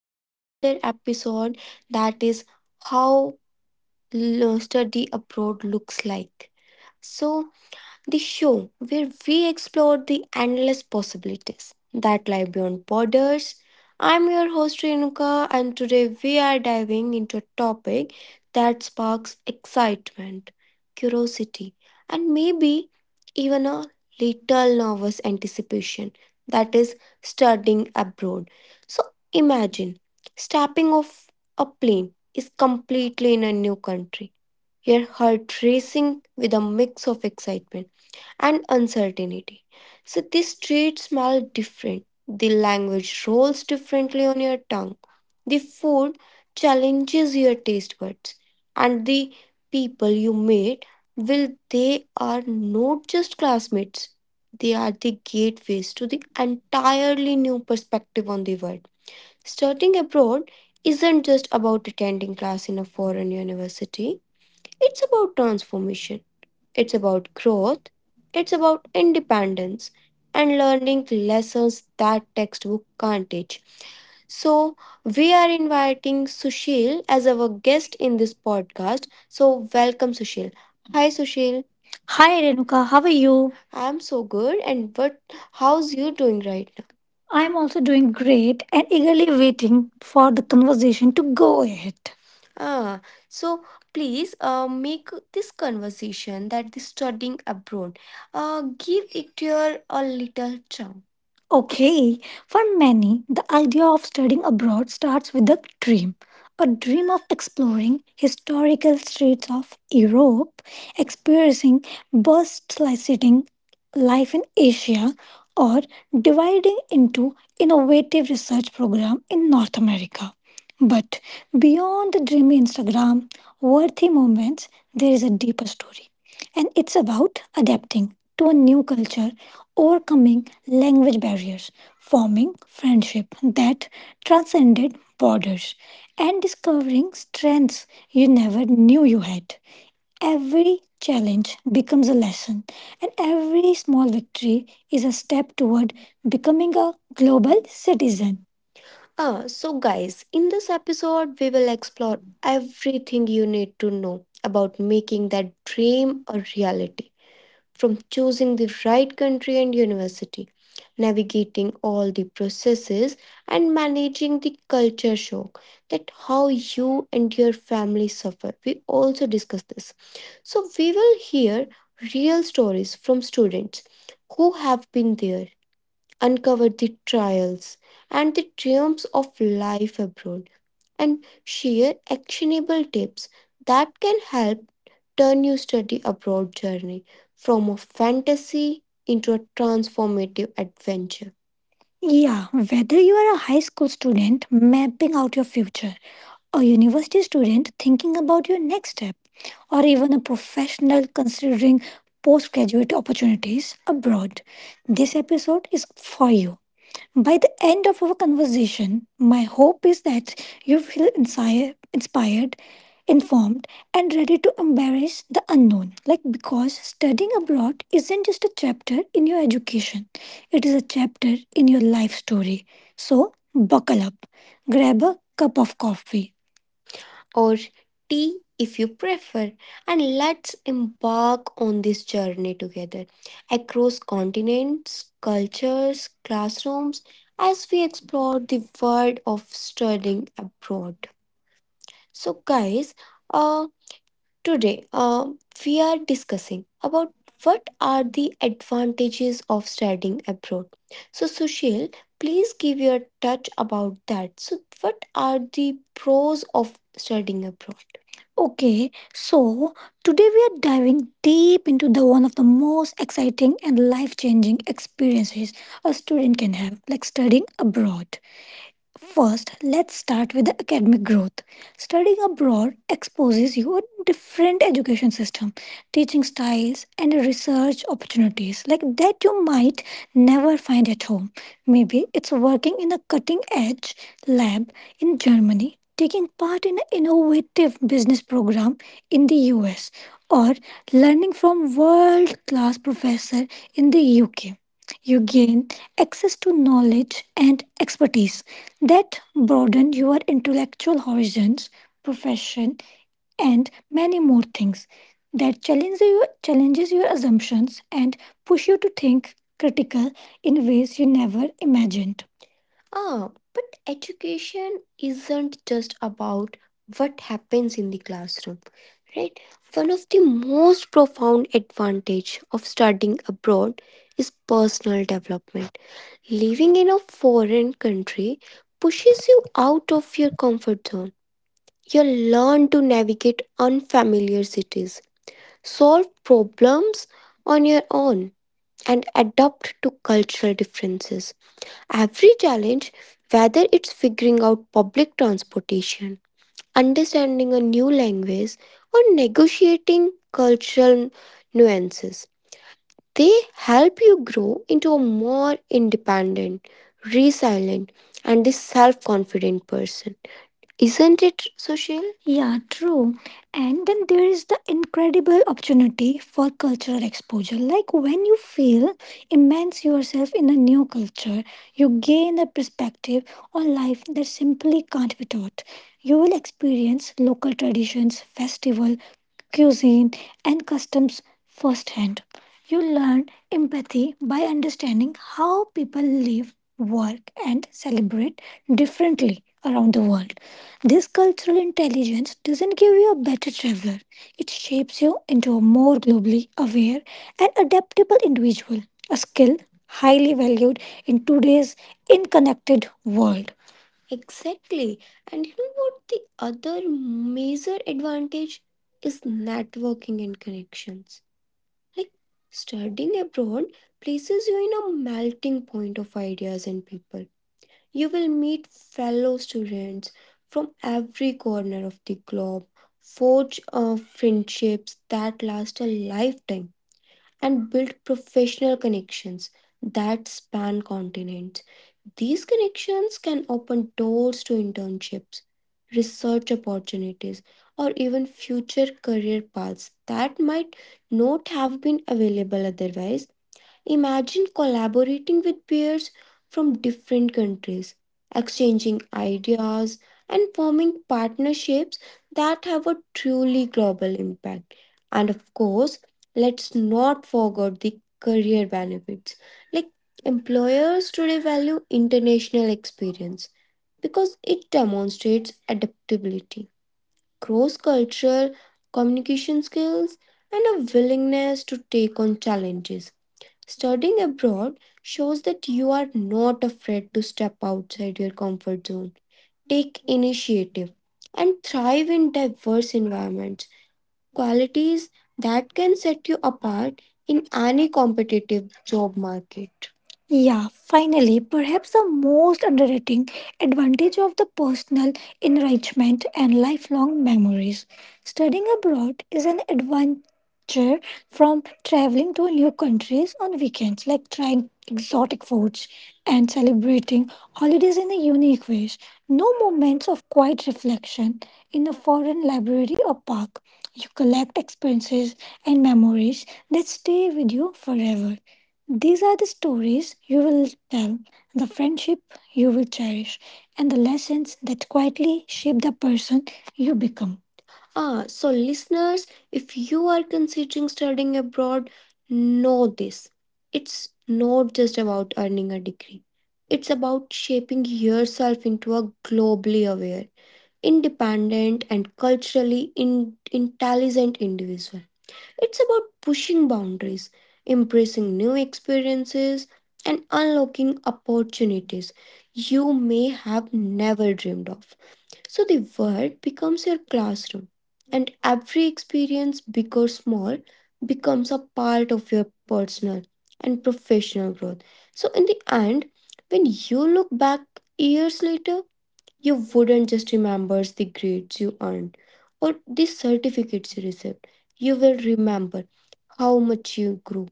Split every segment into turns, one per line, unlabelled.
to the another episode that is how study abroad looks like. So, the show where we explore the endless possibilities that lie beyond borders. I'm your host Renuka, and today we are diving into a topic that sparks excitement, curiosity, and maybe even a little nervous anticipation that is, studying abroad. So, imagine stepping off a plane is completely in a new country. Your heart racing with a mix of excitement and uncertainty. So the streets smell different. The language rolls differently on your tongue. The food challenges your taste buds. And the people you meet will they are not just classmates. They are the gateways to the entirely new perspective on the world. Studying abroad isn't just about attending class in a foreign university. It's about transformation it's about growth, it's about independence and learning lessons that textbook can't teach. So, we are inviting Sushil as our guest in this podcast. So, welcome, Sushil. Hi, Sushil. Hi Renuka, how are you? I'm so good. And what? How's you doing right now? I'm also doing great and eagerly waiting for the conversation to go ahead. Ah, so please make this conversation that the studying abroad. Give it your a little charm. Okay, for many, the idea of studying abroad starts with dream a dream of exploring historical streets of Europe, experiencing bustling life in Asia, or dividing into innovative research program in North America. But beyond the dreamy Instagram worthy moments, there is a deeper story. And it's about adapting to a new culture, overcoming language barriers forming friendship that transcended borders and discovering strengths you never knew you had. Every challenge becomes a lesson, and every small victory is a step toward becoming a global citizen. Ah, so guys, in this episode, we will explore everything you need to know about making that dream a reality from choosing the right country and university, navigating all the processes, and managing the culture shock that how you and your family suffer. We also discuss this. So, we will hear real stories from students who have been there, uncovered the trials and the triumphs of life abroad, and share actionable tips that can help turn your study abroad journey from a fantasy into a transformative adventure. Yeah, whether you are a high school student mapping out your future, a university student thinking about your next step, or even a professional considering postgraduate opportunities abroad, this episode is for you. By the end of our conversation, my hope is that you feel inspired, informed, and ready to embrace the unknown. Like, because studying abroad isn't just a chapter in your education, it is a chapter in your life story. So, buckle up, grab a cup of coffee or tea if you prefer, and let's embark on this journey together across continents, cultures, classrooms as we explore the world of studying abroad. So, guys, uh, today, we are discussing about what are the advantages of studying abroad. So, Sushil, please give your touch about that. So, what are the pros of studying abroad? Okay, so today we are diving deep into the one of the most exciting and life-changing experiences a student can have, like studying abroad. First, let's start with the academic growth. Studying abroad exposes you a different education system, teaching styles, and research opportunities like that you might never find at home. Maybe it's working in a cutting edge lab in Germany, taking part in an innovative business program in the US, or learning from world class professor in the UK. You gain access to knowledge and expertise that broaden your intellectual horizons, profession, and many more things that challenge you, challenges your assumptions and push you to think critical in ways you never imagined. Ah, but education isn't just about what happens in the classroom, right? One of the most profound advantage of studying abroad is personal development. Living in a foreign country pushes you out of your comfort zone. You learn to navigate unfamiliar cities, solve problems on your own, and adapt to cultural differences. Every challenge, whether it's figuring out public transportation, understanding a new language, or negotiating cultural nuances, they help you grow into a more independent, resilient, and the self confident person. Isn't it, Sushil? Yeah, true. And then there is the incredible opportunity for cultural exposure. Like when you feel immerse yourself in a new culture, you gain a perspective on life that simply can't be taught. You will experience local traditions, festival, cuisine, and customs firsthand. You learn empathy by understanding how people live, work, and celebrate differently around the world. This cultural intelligence doesn't give you a better traveler, it shapes you into a more globally aware and adaptable individual, a skill highly valued in today's interconnected world. Exactly. And you know what? The other major advantage is networking and connections. Like studying abroad places you in a melting point of ideas and people. You will meet fellow students from every corner of the globe, forge friendships that last a lifetime and build professional connections that span continents. These connections can open doors to internships, research opportunities, or even future career paths that might not have been available otherwise. Imagine collaborating with peers from different countries, exchanging ideas, and forming partnerships that have a truly global impact. And of course, let's not forget the career benefits. Like employers today value international experience because it demonstrates adaptability, cross cultural communication skills, and a willingness to take on challenges. Studying abroad shows that you are not afraid to step outside your comfort zone, take initiative, and thrive in diverse environments qualities that can set you apart in any competitive job market. Yeah, finally, perhaps the most underrated advantage of the personal enrichment and lifelong memories. Studying abroad is an adventure from traveling to new countries on weekends, like trying exotic foods and celebrating holidays in a unique ways. No moments of quiet reflection in a foreign library or park. You collect experiences and memories that stay with you forever. These are the stories you will tell, the friendship you will cherish, and the lessons that quietly shape the person you become. Ah, so listeners, if you are considering studying abroad, know this. It's not just about earning a degree. It's about shaping yourself into a globally aware independent and culturally intelligent individual. It's about pushing boundaries, embracing new experiences, and unlocking opportunities you may have never dreamed of. So the world becomes your classroom, and every experience, big or small, becomes a part of your personal and professional growth. So, in the end, when you look back years later, you wouldn't just remember the grades you earned or the certificates you received. You will remember how much you grew,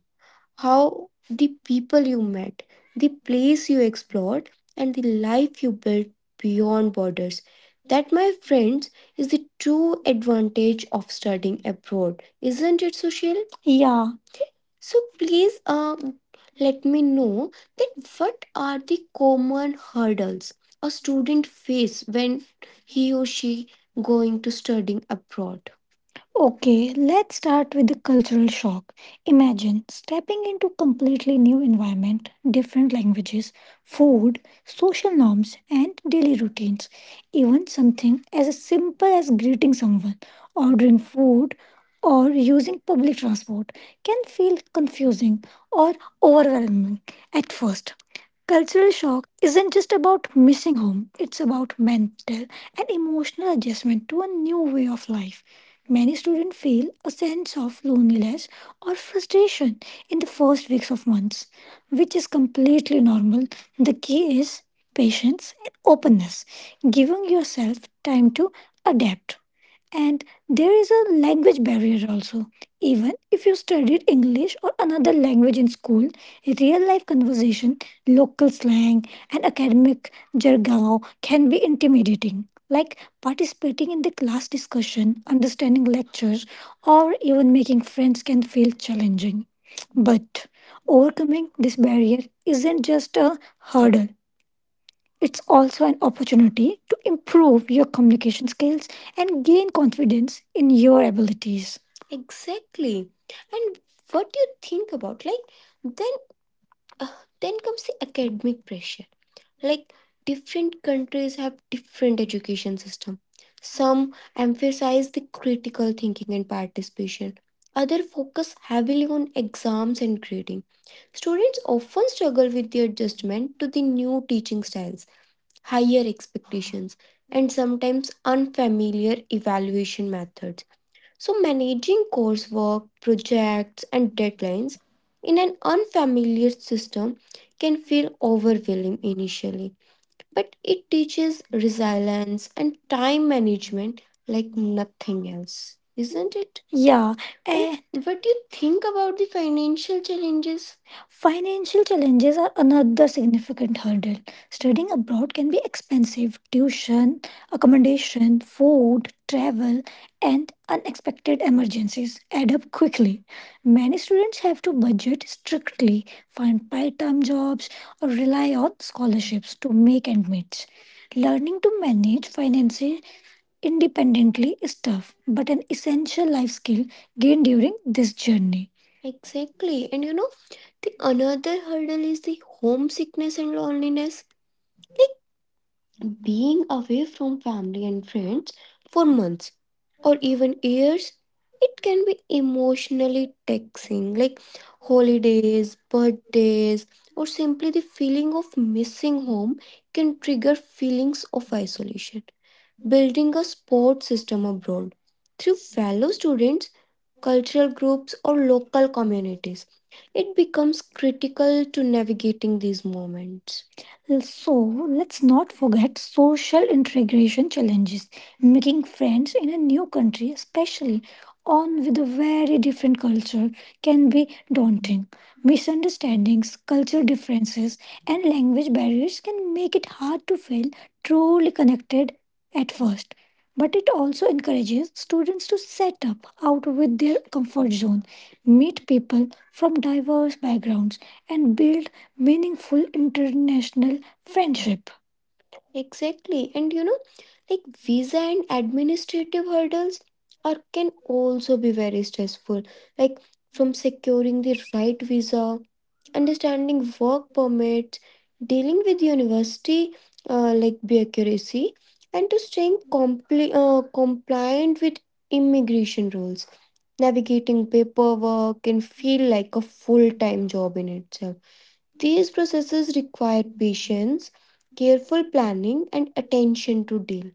how the people you met, the place you explored, and the life you built beyond borders. That, my friends, is the true advantage of studying abroad. Isn't it, Sushil? Yeah, so please let me know that what are the common hurdles a student face when he or she going to studying abroad. Okay, let's start with the cultural shock. Imagine stepping into completely new environment, different languages, food, social norms and daily routines. Even something as simple as greeting someone, ordering food or using public transport can feel confusing or overwhelming at first. Cultural shock isn't just about missing home, it's about mental and emotional adjustment to a new way of life. Many students feel a sense of loneliness or frustration in the first weeks of months, which is completely normal. The key is patience and openness, giving yourself time to adapt. And there is a language barrier also. Even if you studied English or another language in school, real life conversation local slang, and academic jargon can be intimidating. Like participating in the class discussion, understanding lectures, or even making friends can feel challenging. But overcoming this barrier isn't just a hurdle, it's also an opportunity to improve your communication skills and gain confidence in your abilities. Exactly. And what do you think about? Like, then uh, then comes the academic pressure. Like different countries have different education system. Some emphasize the critical thinking and participation. Other focus heavily on exams and grading. Students often struggle with the adjustment to the new teaching styles, higher expectations, and sometimes unfamiliar evaluation methods. So, managing coursework, projects, and deadlines in an unfamiliar system can feel overwhelming initially but it teaches resilience and time management like nothing else, isn't it? Yeah, And what do you think about the financial challenges? Financial challenges are another significant hurdle. Studying abroad can be expensive. Tuition, accommodation, food, travel, and unexpected emergencies add up quickly. Many students have to budget strictly, find part time jobs, or rely on scholarships to make ends meet. Learning to manage finances independently is tough, but an essential life skill gained during this journey. Exactly. The another hurdle is the homesickness and loneliness. Like being away from family and friends for months or even years, it can be emotionally taxing, like holidays, birthdays, or simply the feeling of missing home can trigger feelings of isolation. Building a support system abroad through fellow students, cultural groups, or local communities. It becomes critical to navigating these moments. So, let's not forget social integration challenges. Making friends in a new country, especially on with a very different culture, can be daunting. Misunderstandings, culture differences, and language barriers can make it hard to feel truly connected at first, but it also encourages students to set up out with their comfort zone, meet people from diverse backgrounds, and build meaningful international friendship. Exactly. And you know, like visa and administrative hurdles are can also be very stressful. Like from securing the right visa, understanding work permits, dealing with university bureaucracy, and to staying compliant with immigration rules. Navigating paperwork can feel like a full-time job in itself. These processes require patience, careful planning, and attention to detail.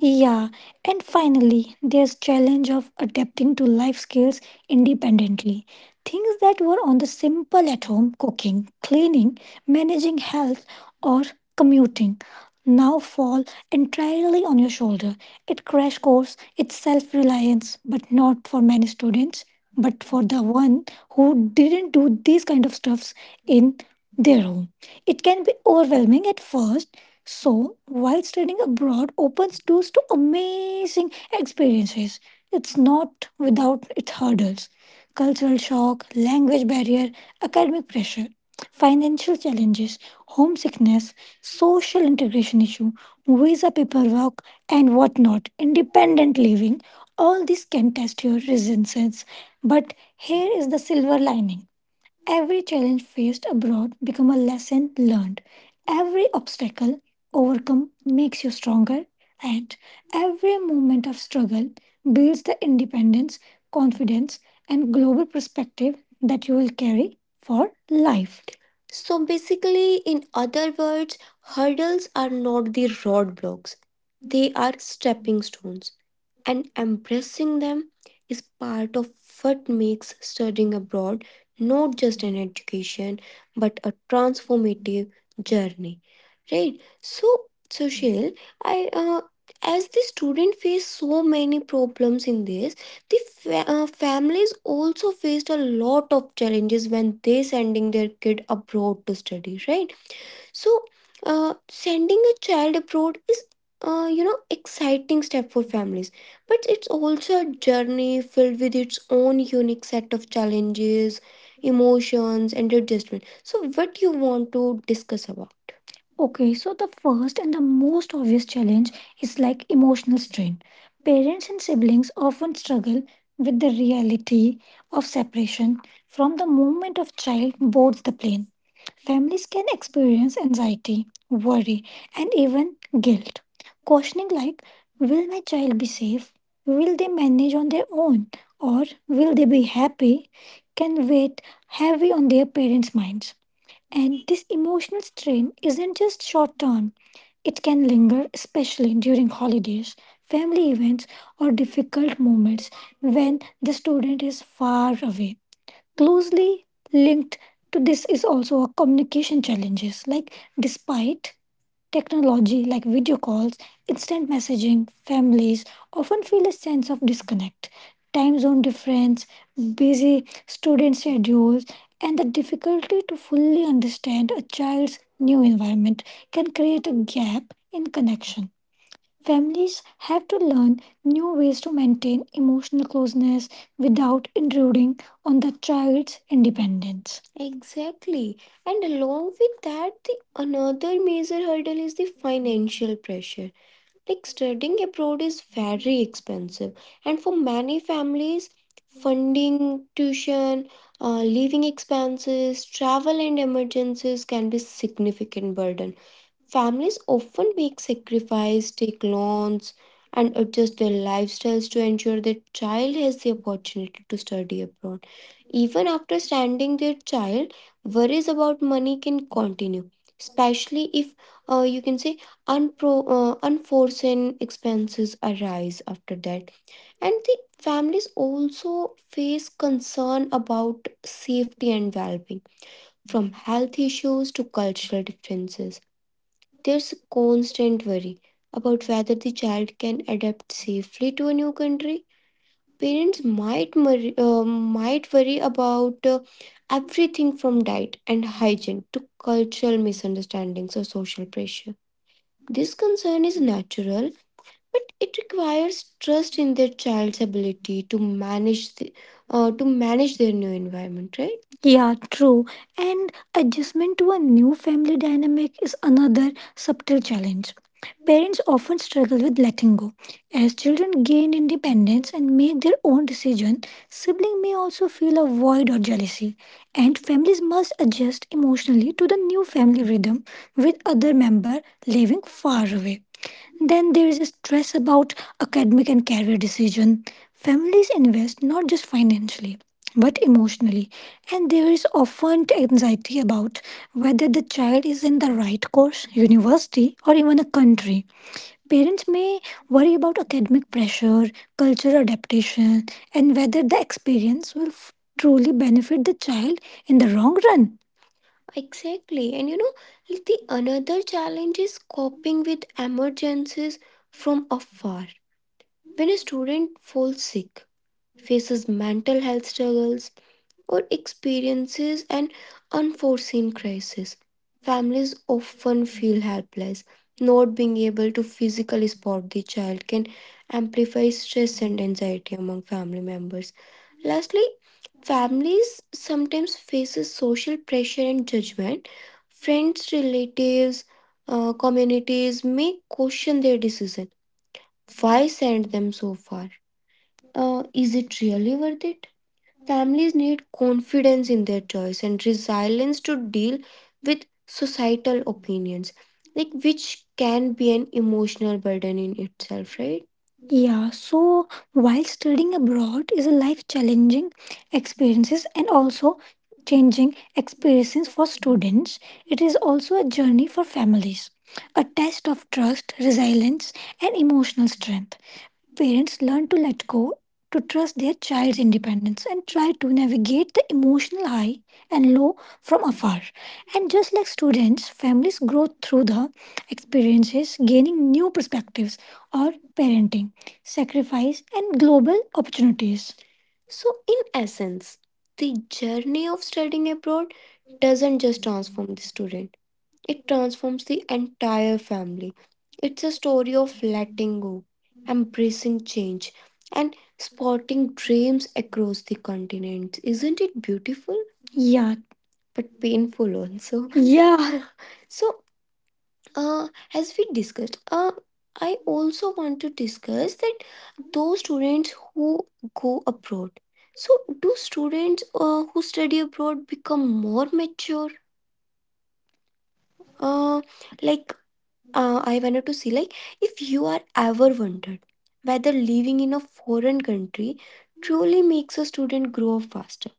Yeah, and finally, there's challenge of adapting to life skills independently. Things that were on the simple at home cooking, cleaning, managing health or commuting now fall entirely on your shoulder. It crash course, it's self-reliance, but not for many students, but for the one who didn't do these kind of stuffs in their home. It can be overwhelming at first, so while studying abroad opens doors to amazing experiences, it's not without its hurdles. Cultural shock, language barrier, academic pressure, financial challenges, homesickness, social integration issue, visa paperwork, and whatnot, independent living, all this can test your resilience. But here is the silver lining. Every challenge faced abroad become a lesson learned. Every obstacle overcome makes you stronger, and every moment of struggle builds the independence, confidence and global perspective that you will carry for life. So basically, in other words, hurdles are not the roadblocks, they are stepping stones, and embracing them is part of what makes studying abroad not just an education but a transformative journey, right? So social I as the student face so many problems in this, the families also faced a lot of challenges when they sending their kid abroad to study, right? So, sending a child abroad is, exciting step for families, but it's also a journey filled with its own unique set of challenges, emotions, and adjustment. So, what do you want to discuss about? Okay, so the first and the most obvious challenge is like emotional strain. Parents and siblings often struggle with the reality of separation from the moment of child boards the plane. Families can experience anxiety, worry, and even guilt. Questioning like, will my child be safe? Will they manage on their own? Or will they be happy? Can weigh heavy on their parents' minds. And this emotional strain isn't just short term, it can linger, especially during holidays, family events, or difficult moments when the student is far away. Closely linked to this is also a communication challenges. Like despite technology like video calls, instant messaging, families often feel a sense of disconnect. Time zone difference, busy student schedules, and the difficulty to fully understand a child's new environment can create a gap in connection. Families have to learn new ways to maintain emotional closeness without intruding on the child's independence. Exactly. And along with that, the another major hurdle is the financial pressure. Like studying abroad is very expensive, and for many families, funding, tuition, living expenses, travel, and emergencies can be significant burden. Families often make sacrifice, take loans, and adjust their lifestyles to ensure their child has the opportunity to study abroad. Even after standing their child, worries about money can continue, especially if you can say unforeseen expenses arise after that. And the families also face concern about safety and well being, from health issues to cultural differences there's constant worry about whether the child can adapt safely to a new country. Parents might worry about everything from diet and hygiene to cultural misunderstandings or social pressure. This concern is natural, but it requires trust in their child's ability to manage the, to manage their new environment, right? Yeah, true. And adjustment to a new family dynamic is another subtle challenge. Parents often struggle with letting go. As children gain independence and make their own decision, siblings may also feel a void or jealousy, and families must adjust emotionally to the new family rhythm with other member living far away. Then there is stress about academic and career decision. Families invest not just financially but emotionally, and there is often anxiety about whether the child is in the right course, university, or even a country. Parents may worry about academic pressure, cultural adaptation, and whether the experience will truly benefit the child in the long run. Exactly. The another challenge is coping with emergencies from afar. When a student falls sick, faces mental health struggles, or experiences an unforeseen crisis. Families often feel helpless. Not being able to physically support the child can amplify stress and anxiety among family members. Lastly, families sometimes faces social pressure and judgment. Friends, relatives, communities may question their decision. Why send them so far? Is it really worth it? Families need confidence in their choice and resilience to deal with societal opinions, like which can be an emotional burden in itself, right? Yeah, so while studying abroad is a life challenging experiences and also changing experiences for students, it is also a journey for families, a test of trust, resilience, and emotional strength. Parents learn to let go, to trust their child's independence, and try to navigate the emotional high and low from afar. And just like students, families grow through the experiences, gaining new perspectives or parenting, sacrifice, and global opportunities. So, in essence, the journey of studying abroad doesn't just transform the student, it transforms the entire family. It's a story of letting go, embracing change, and spotting dreams across the continent. Isn't it beautiful? Yeah. But painful also. Yeah. So, uh, as we discussed, I also want to discuss that those students who go abroad. So, do students who study abroad become more mature? Uh, like I wanted to see like if you are ever wondered whether living in a foreign country truly makes a student grow up faster.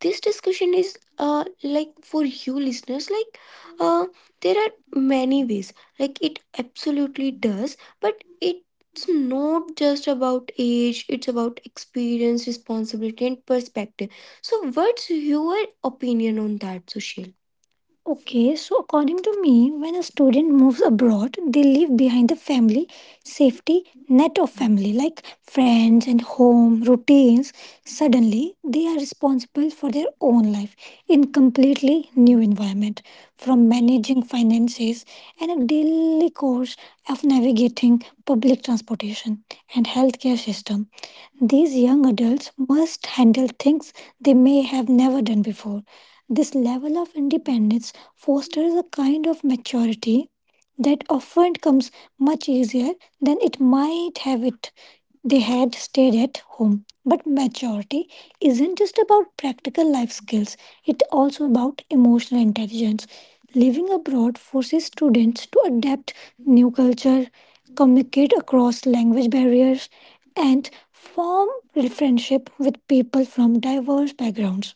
This discussion is for you listeners, uh, there are many ways like it absolutely does, but it's not just about age, it's about experience, responsibility and perspective. So what's your opinion on that, Sushil? Okay, so according to me, when a student moves abroad, they leave behind the family, safety net of family, like friends and home routines. Suddenly, they are responsible for their own life in completely new environment, from managing finances and a daily course of navigating public transportation and healthcare system. These young adults must handle things they may have never done before. This level of independence fosters a kind of maturity that often comes much easier than it might have it they had stayed at home. But maturity isn't just about practical life skills, it's also about emotional intelligence. Living abroad forces students to adapt new culture, communicate across language barriers, and form friendship with people from diverse backgrounds.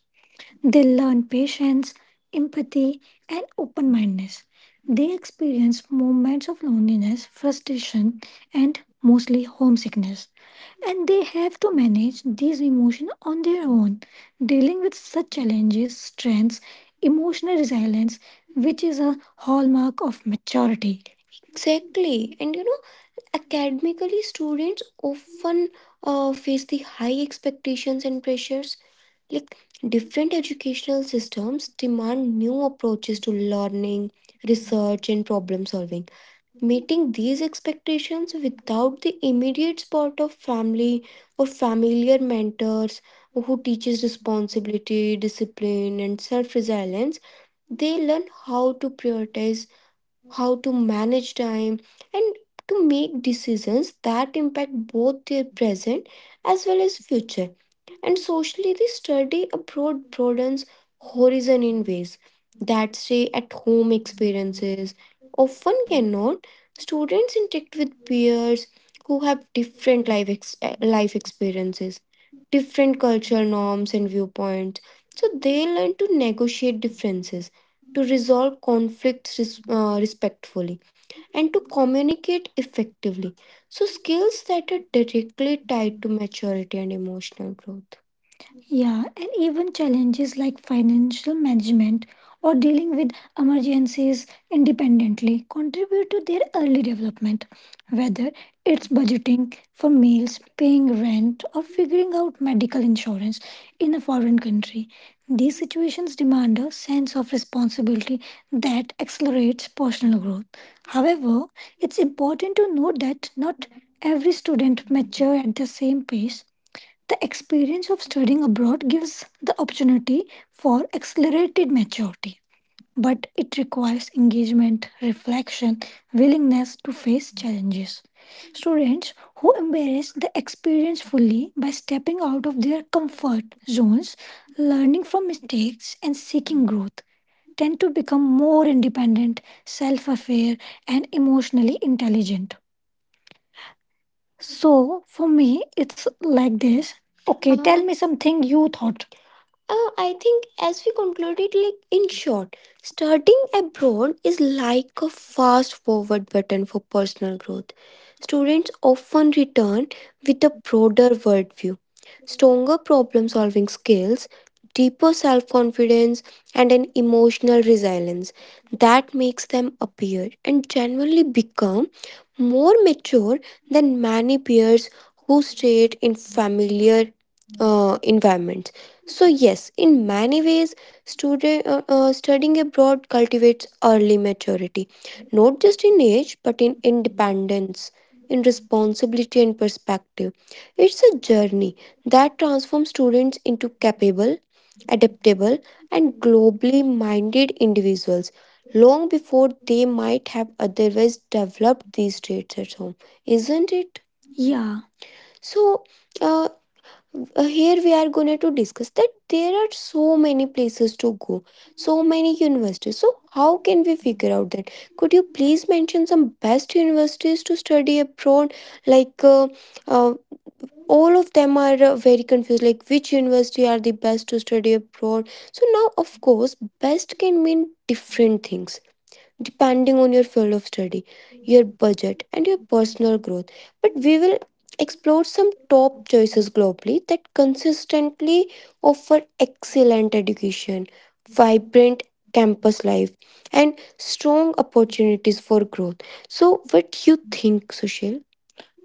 They learn patience, empathy, and open mindedness. They experience moments of loneliness, frustration, and mostly homesickness. And they have to manage these emotions on their own, dealing with such challenges, strengths, emotional resilience, which is a hallmark of maturity. Exactly. Academically, students often face the high expectations and pressures. Like different educational systems demand new approaches to learning, research, and problem solving. Meeting these expectations without the immediate support of family or familiar mentors who teaches responsibility, discipline, and self-resilience, they learn how to prioritize, how to manage time, and to make decisions that impact both their present as well as future. And socially, the study abroad broadens horizon in ways that stay at home experiences often cannot. Students interact with peers who have different life experiences, different cultural norms and viewpoints, so they learn to negotiate differences, to resolve conflicts respectfully, and to communicate effectively, so skills that are directly tied to maturity and emotional growth. Yeah, and even challenges like financial management or dealing with emergencies independently contribute to their early development. Whether it's budgeting for meals, paying rent, or figuring out medical insurance in a foreign country, these situations demand a sense of responsibility that accelerates personal growth. However, it's important to note that not every student matures at the same pace. The experience of studying abroad gives the opportunity for accelerated maturity, but it requires engagement, reflection, willingness to face challenges. Students who embrace the experience fully by stepping out of their comfort zones, learning from mistakes, and seeking growth tend to become more independent, self aware, and emotionally intelligent. So, for me, it's like this. Okay, tell me something you thought. I think as we concluded, like in short, studying abroad is like a fast forward button for personal growth. Students often return with a broader worldview, stronger problem solving skills, deeper self confidence, and an emotional resilience that makes them appear and generally become more mature than many peers who stayed in familiar environments. So yes, in many ways, student studying abroad cultivates early maturity, not just in age but in independence, in responsibility and perspective. It's a journey that transforms students into capable, adaptable, and globally minded individuals long before they might have otherwise developed these traits at home, isn't it? Yeah. So, uh, here we are going to discuss that there are so many places to go, so many universities, so how can we figure out that, could you please mention some best universities to study abroad, like uh, all of them are very confused like which university are the best to study abroad. So now of course best can mean different things depending on your field of study, your budget, and your personal growth. But we will explore some top choices globally that consistently offer excellent education, vibrant campus life, and strong opportunities for growth. So, what do you think, Sushil?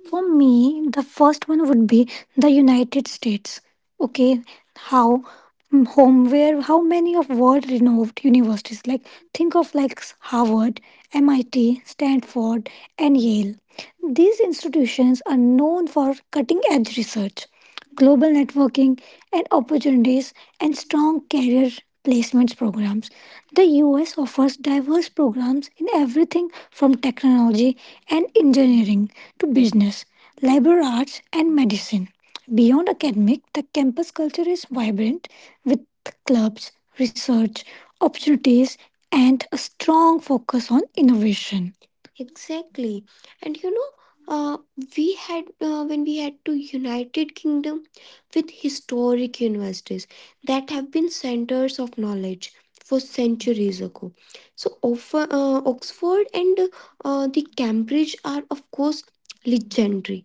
For me, the first one would be the United States. Okay, how mm, home where how many of world renowned universities like think of like Harvard, MIT, Stanford, and Yale. These institutions are known for cutting edge research, global networking and opportunities, and strong career placements programs. The US offers diverse programs in everything from technology and engineering to business, liberal arts, and medicine. Beyond academic, the campus culture is vibrant with clubs, research, opportunities, and a strong focus on innovation. Exactly. And you know, uh, when we had to United Kingdom, with historic universities that have been centers of knowledge for centuries ago. So, Oxford and the Cambridge are, of course, legendary,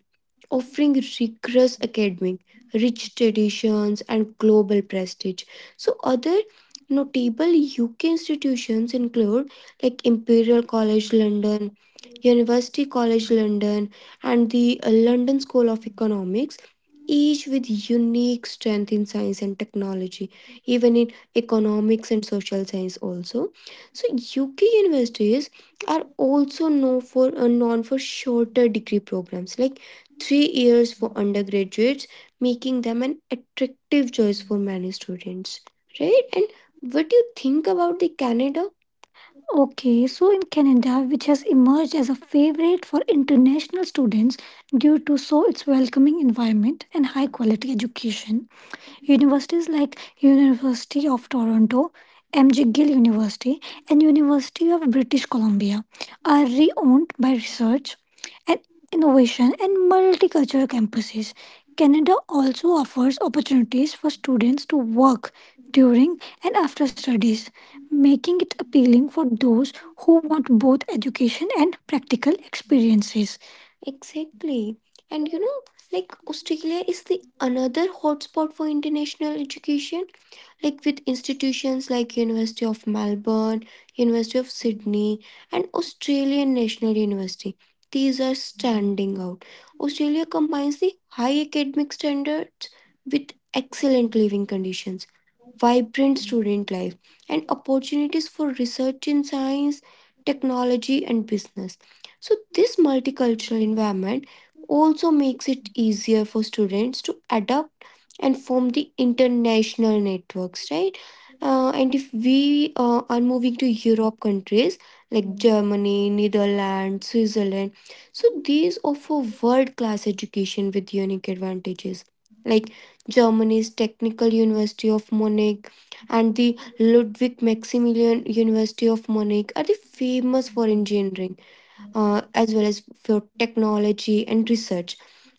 offering rigorous academic, rich traditions, and global prestige. So, other notable UK institutions include like Imperial College London, University College London, and the London School of Economics, each with unique strength in science and technology, even in economics and social science also. So UK universities are also known for shorter degree programs like 3 years for undergraduates, making them an attractive choice for many students. Right? And what do you think about the Canada? Okay, so in Canada, which has emerged as a favorite for international students due to so its welcoming environment and high quality education, universities like University of Toronto, M.G. Gill University, and University of British Columbia are re-owned by research and innovation and multicultural campuses. Canada also offers opportunities for students to work during and after studies, making it appealing for those who want both education and practical experiences. Exactly. And you know, like Australia is the another hotspot for international education, like with institutions like University of Melbourne, University of Sydney, and Australian National University. These are standing out. Australia combines the high academic standards with excellent living conditions, vibrant student life, and opportunities for research in science, technology, and business. So, this multicultural environment also makes it easier for students to adapt and form the international networks, right? And if we are moving to Europe countries like Germany, Netherlands, Switzerland, so these offer world class education with unique advantages. Like Germany's Technical University of Munich and the Ludwig Maximilian University of Munich are the famous for engineering, as well as for technology and research,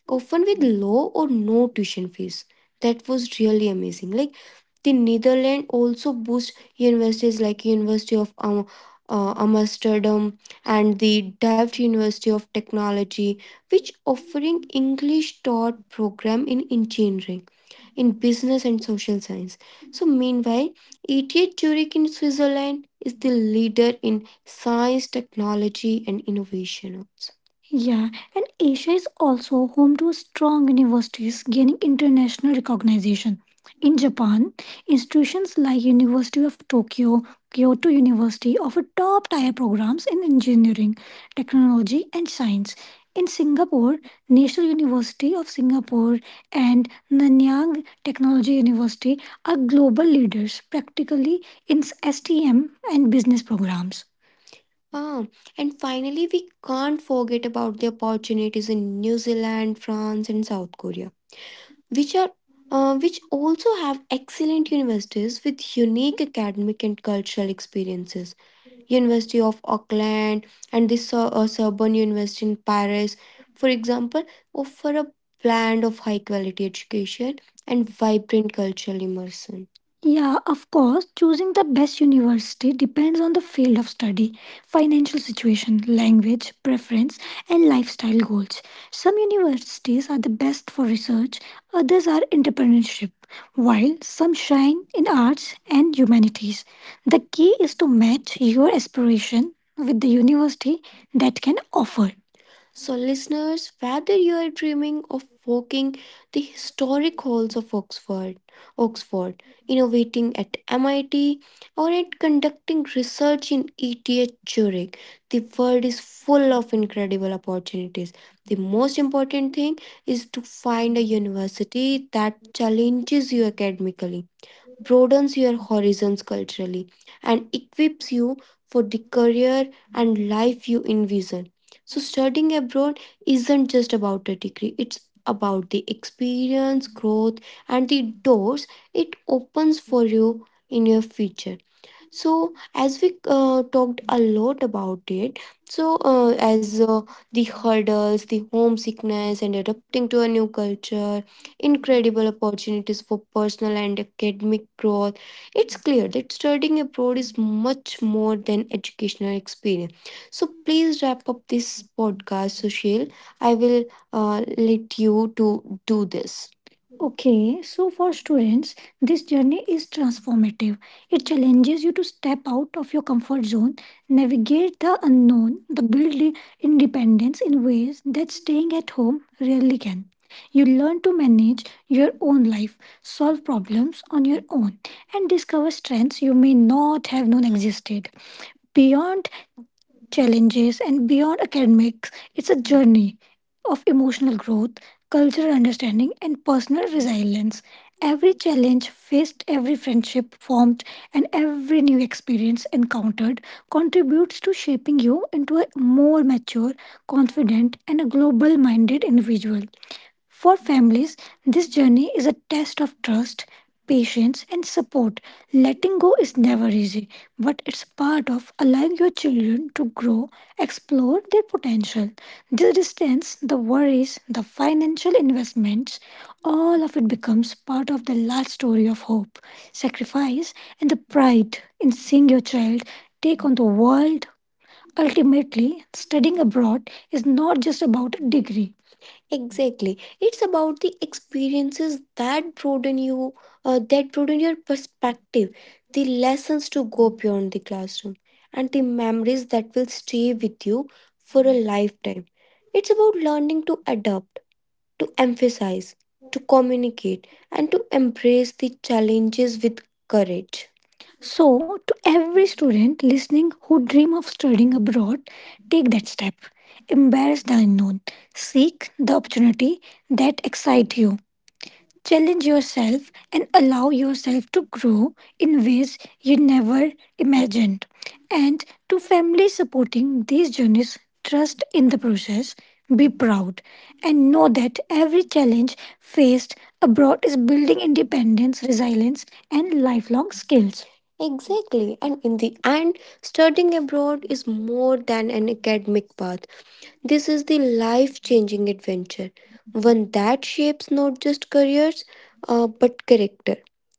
often with low or no tuition fees. That was really amazing. Like the Netherlands also boasts universities like Amsterdam and the Delft University of Technology, which offering English taught program in engineering, in business and social science. So meanwhile, ETH Zurich in Switzerland is the leader in science, technology, and innovation also. Yeah, and Asia is also home to strong universities gaining international recognition. In Japan, institutions like University of Tokyo, Kyoto University offer top-tier programs in engineering, technology, and science. In Singapore, National University of Singapore and Nanyang Technology University are global leaders practically in STM and business programs. Ah, and finally, we can't forget about the opportunities in New Zealand, France, and South Korea, which are which also have excellent universities with unique academic and cultural experiences. University of Auckland and the Sorbonne University in Paris, for example, offer a blend of high quality education and vibrant cultural immersion. Yeah, of course, choosing the best university depends on the field of study, financial situation, language, preference, and lifestyle goals. Some universities are the best for research, others are entrepreneurship, while some shine in arts and humanities. The key is to match your aspiration with the university that can offer. So, listeners, whether you are dreaming of walking the historic halls of Oxford, Oxford, innovating at MIT, or at conducting research in ETH Zurich, the world is full of incredible opportunities. The most important thing is to find a university that challenges you academically, broadens your horizons culturally, and equips you for the career and life you envision. So, studying abroad isn't just about a degree, it's about the experience, growth, and the doors it opens for you in your future. So, as we talked a lot about it, so as the hurdles, the homesickness, and adapting to a new culture, incredible opportunities for personal and academic growth, it's clear that studying abroad is much more than educational experience. So, please wrap up this podcast, Sushil. I will let you to do this. Okay, so for students, this journey is transformative. It challenges you to step out of your comfort zone, navigate the unknown, the build independence in ways that staying at home rarely can. You learn to manage your own life, solve problems on your own, and discover strengths you may not have known existed. Beyond challenges, and beyond academics, it's a journey of emotional growth, cultural understanding, and personal resilience. Every challenge faced, every friendship formed, and every new experience encountered contributes to shaping you into a more mature, confident, and a global minded individual. For families, this journey is a test of trust, patience, and support. Letting go is never easy, but it's part of allowing your children to grow, explore their potential. The distance, the worries, the financial investments, all of it becomes part of the large story of hope, sacrifice, and the pride in seeing your child take on the world. Ultimately, studying abroad is not just about a degree. Exactly. It's about the experiences that broaden you, that broaden your perspective, the lessons to go beyond the classroom, and the memories that will stay with you for a lifetime. It's about learning to adapt, to emphasize, to communicate, and to embrace the challenges with courage. So, to every student listening who dream of studying abroad, take that step. Embrace the unknown. Seek the opportunity that excite you. Challenge yourself and allow yourself to grow in ways you never imagined. And to families supporting these journeys, trust in the process, be proud, and know that every challenge faced abroad is building independence, resilience, and lifelong skills. Exactly. And in the end, studying abroad is more than an academic path. This is the life changing adventure, one that shapes not just careers, but character.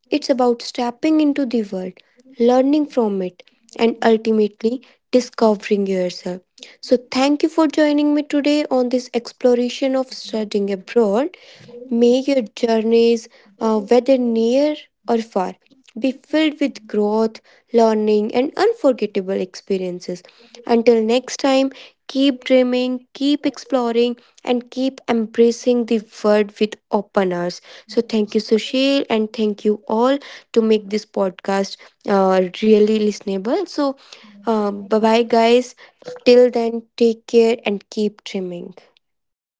It's about stepping into the world, learning from it, and ultimately discovering yourself. So, thank you for joining me today on this exploration of studying abroad. May your journeys, whether near or far, be filled with growth, learning, and unforgettable experiences. Until next time, keep dreaming, keep
Thank
exploring,
you.
and keep embracing the world with open arms. So, thank you, Sushil, and thank you all to make this podcast really listenable. So, bye bye, guys. Till then, take care and keep dreaming.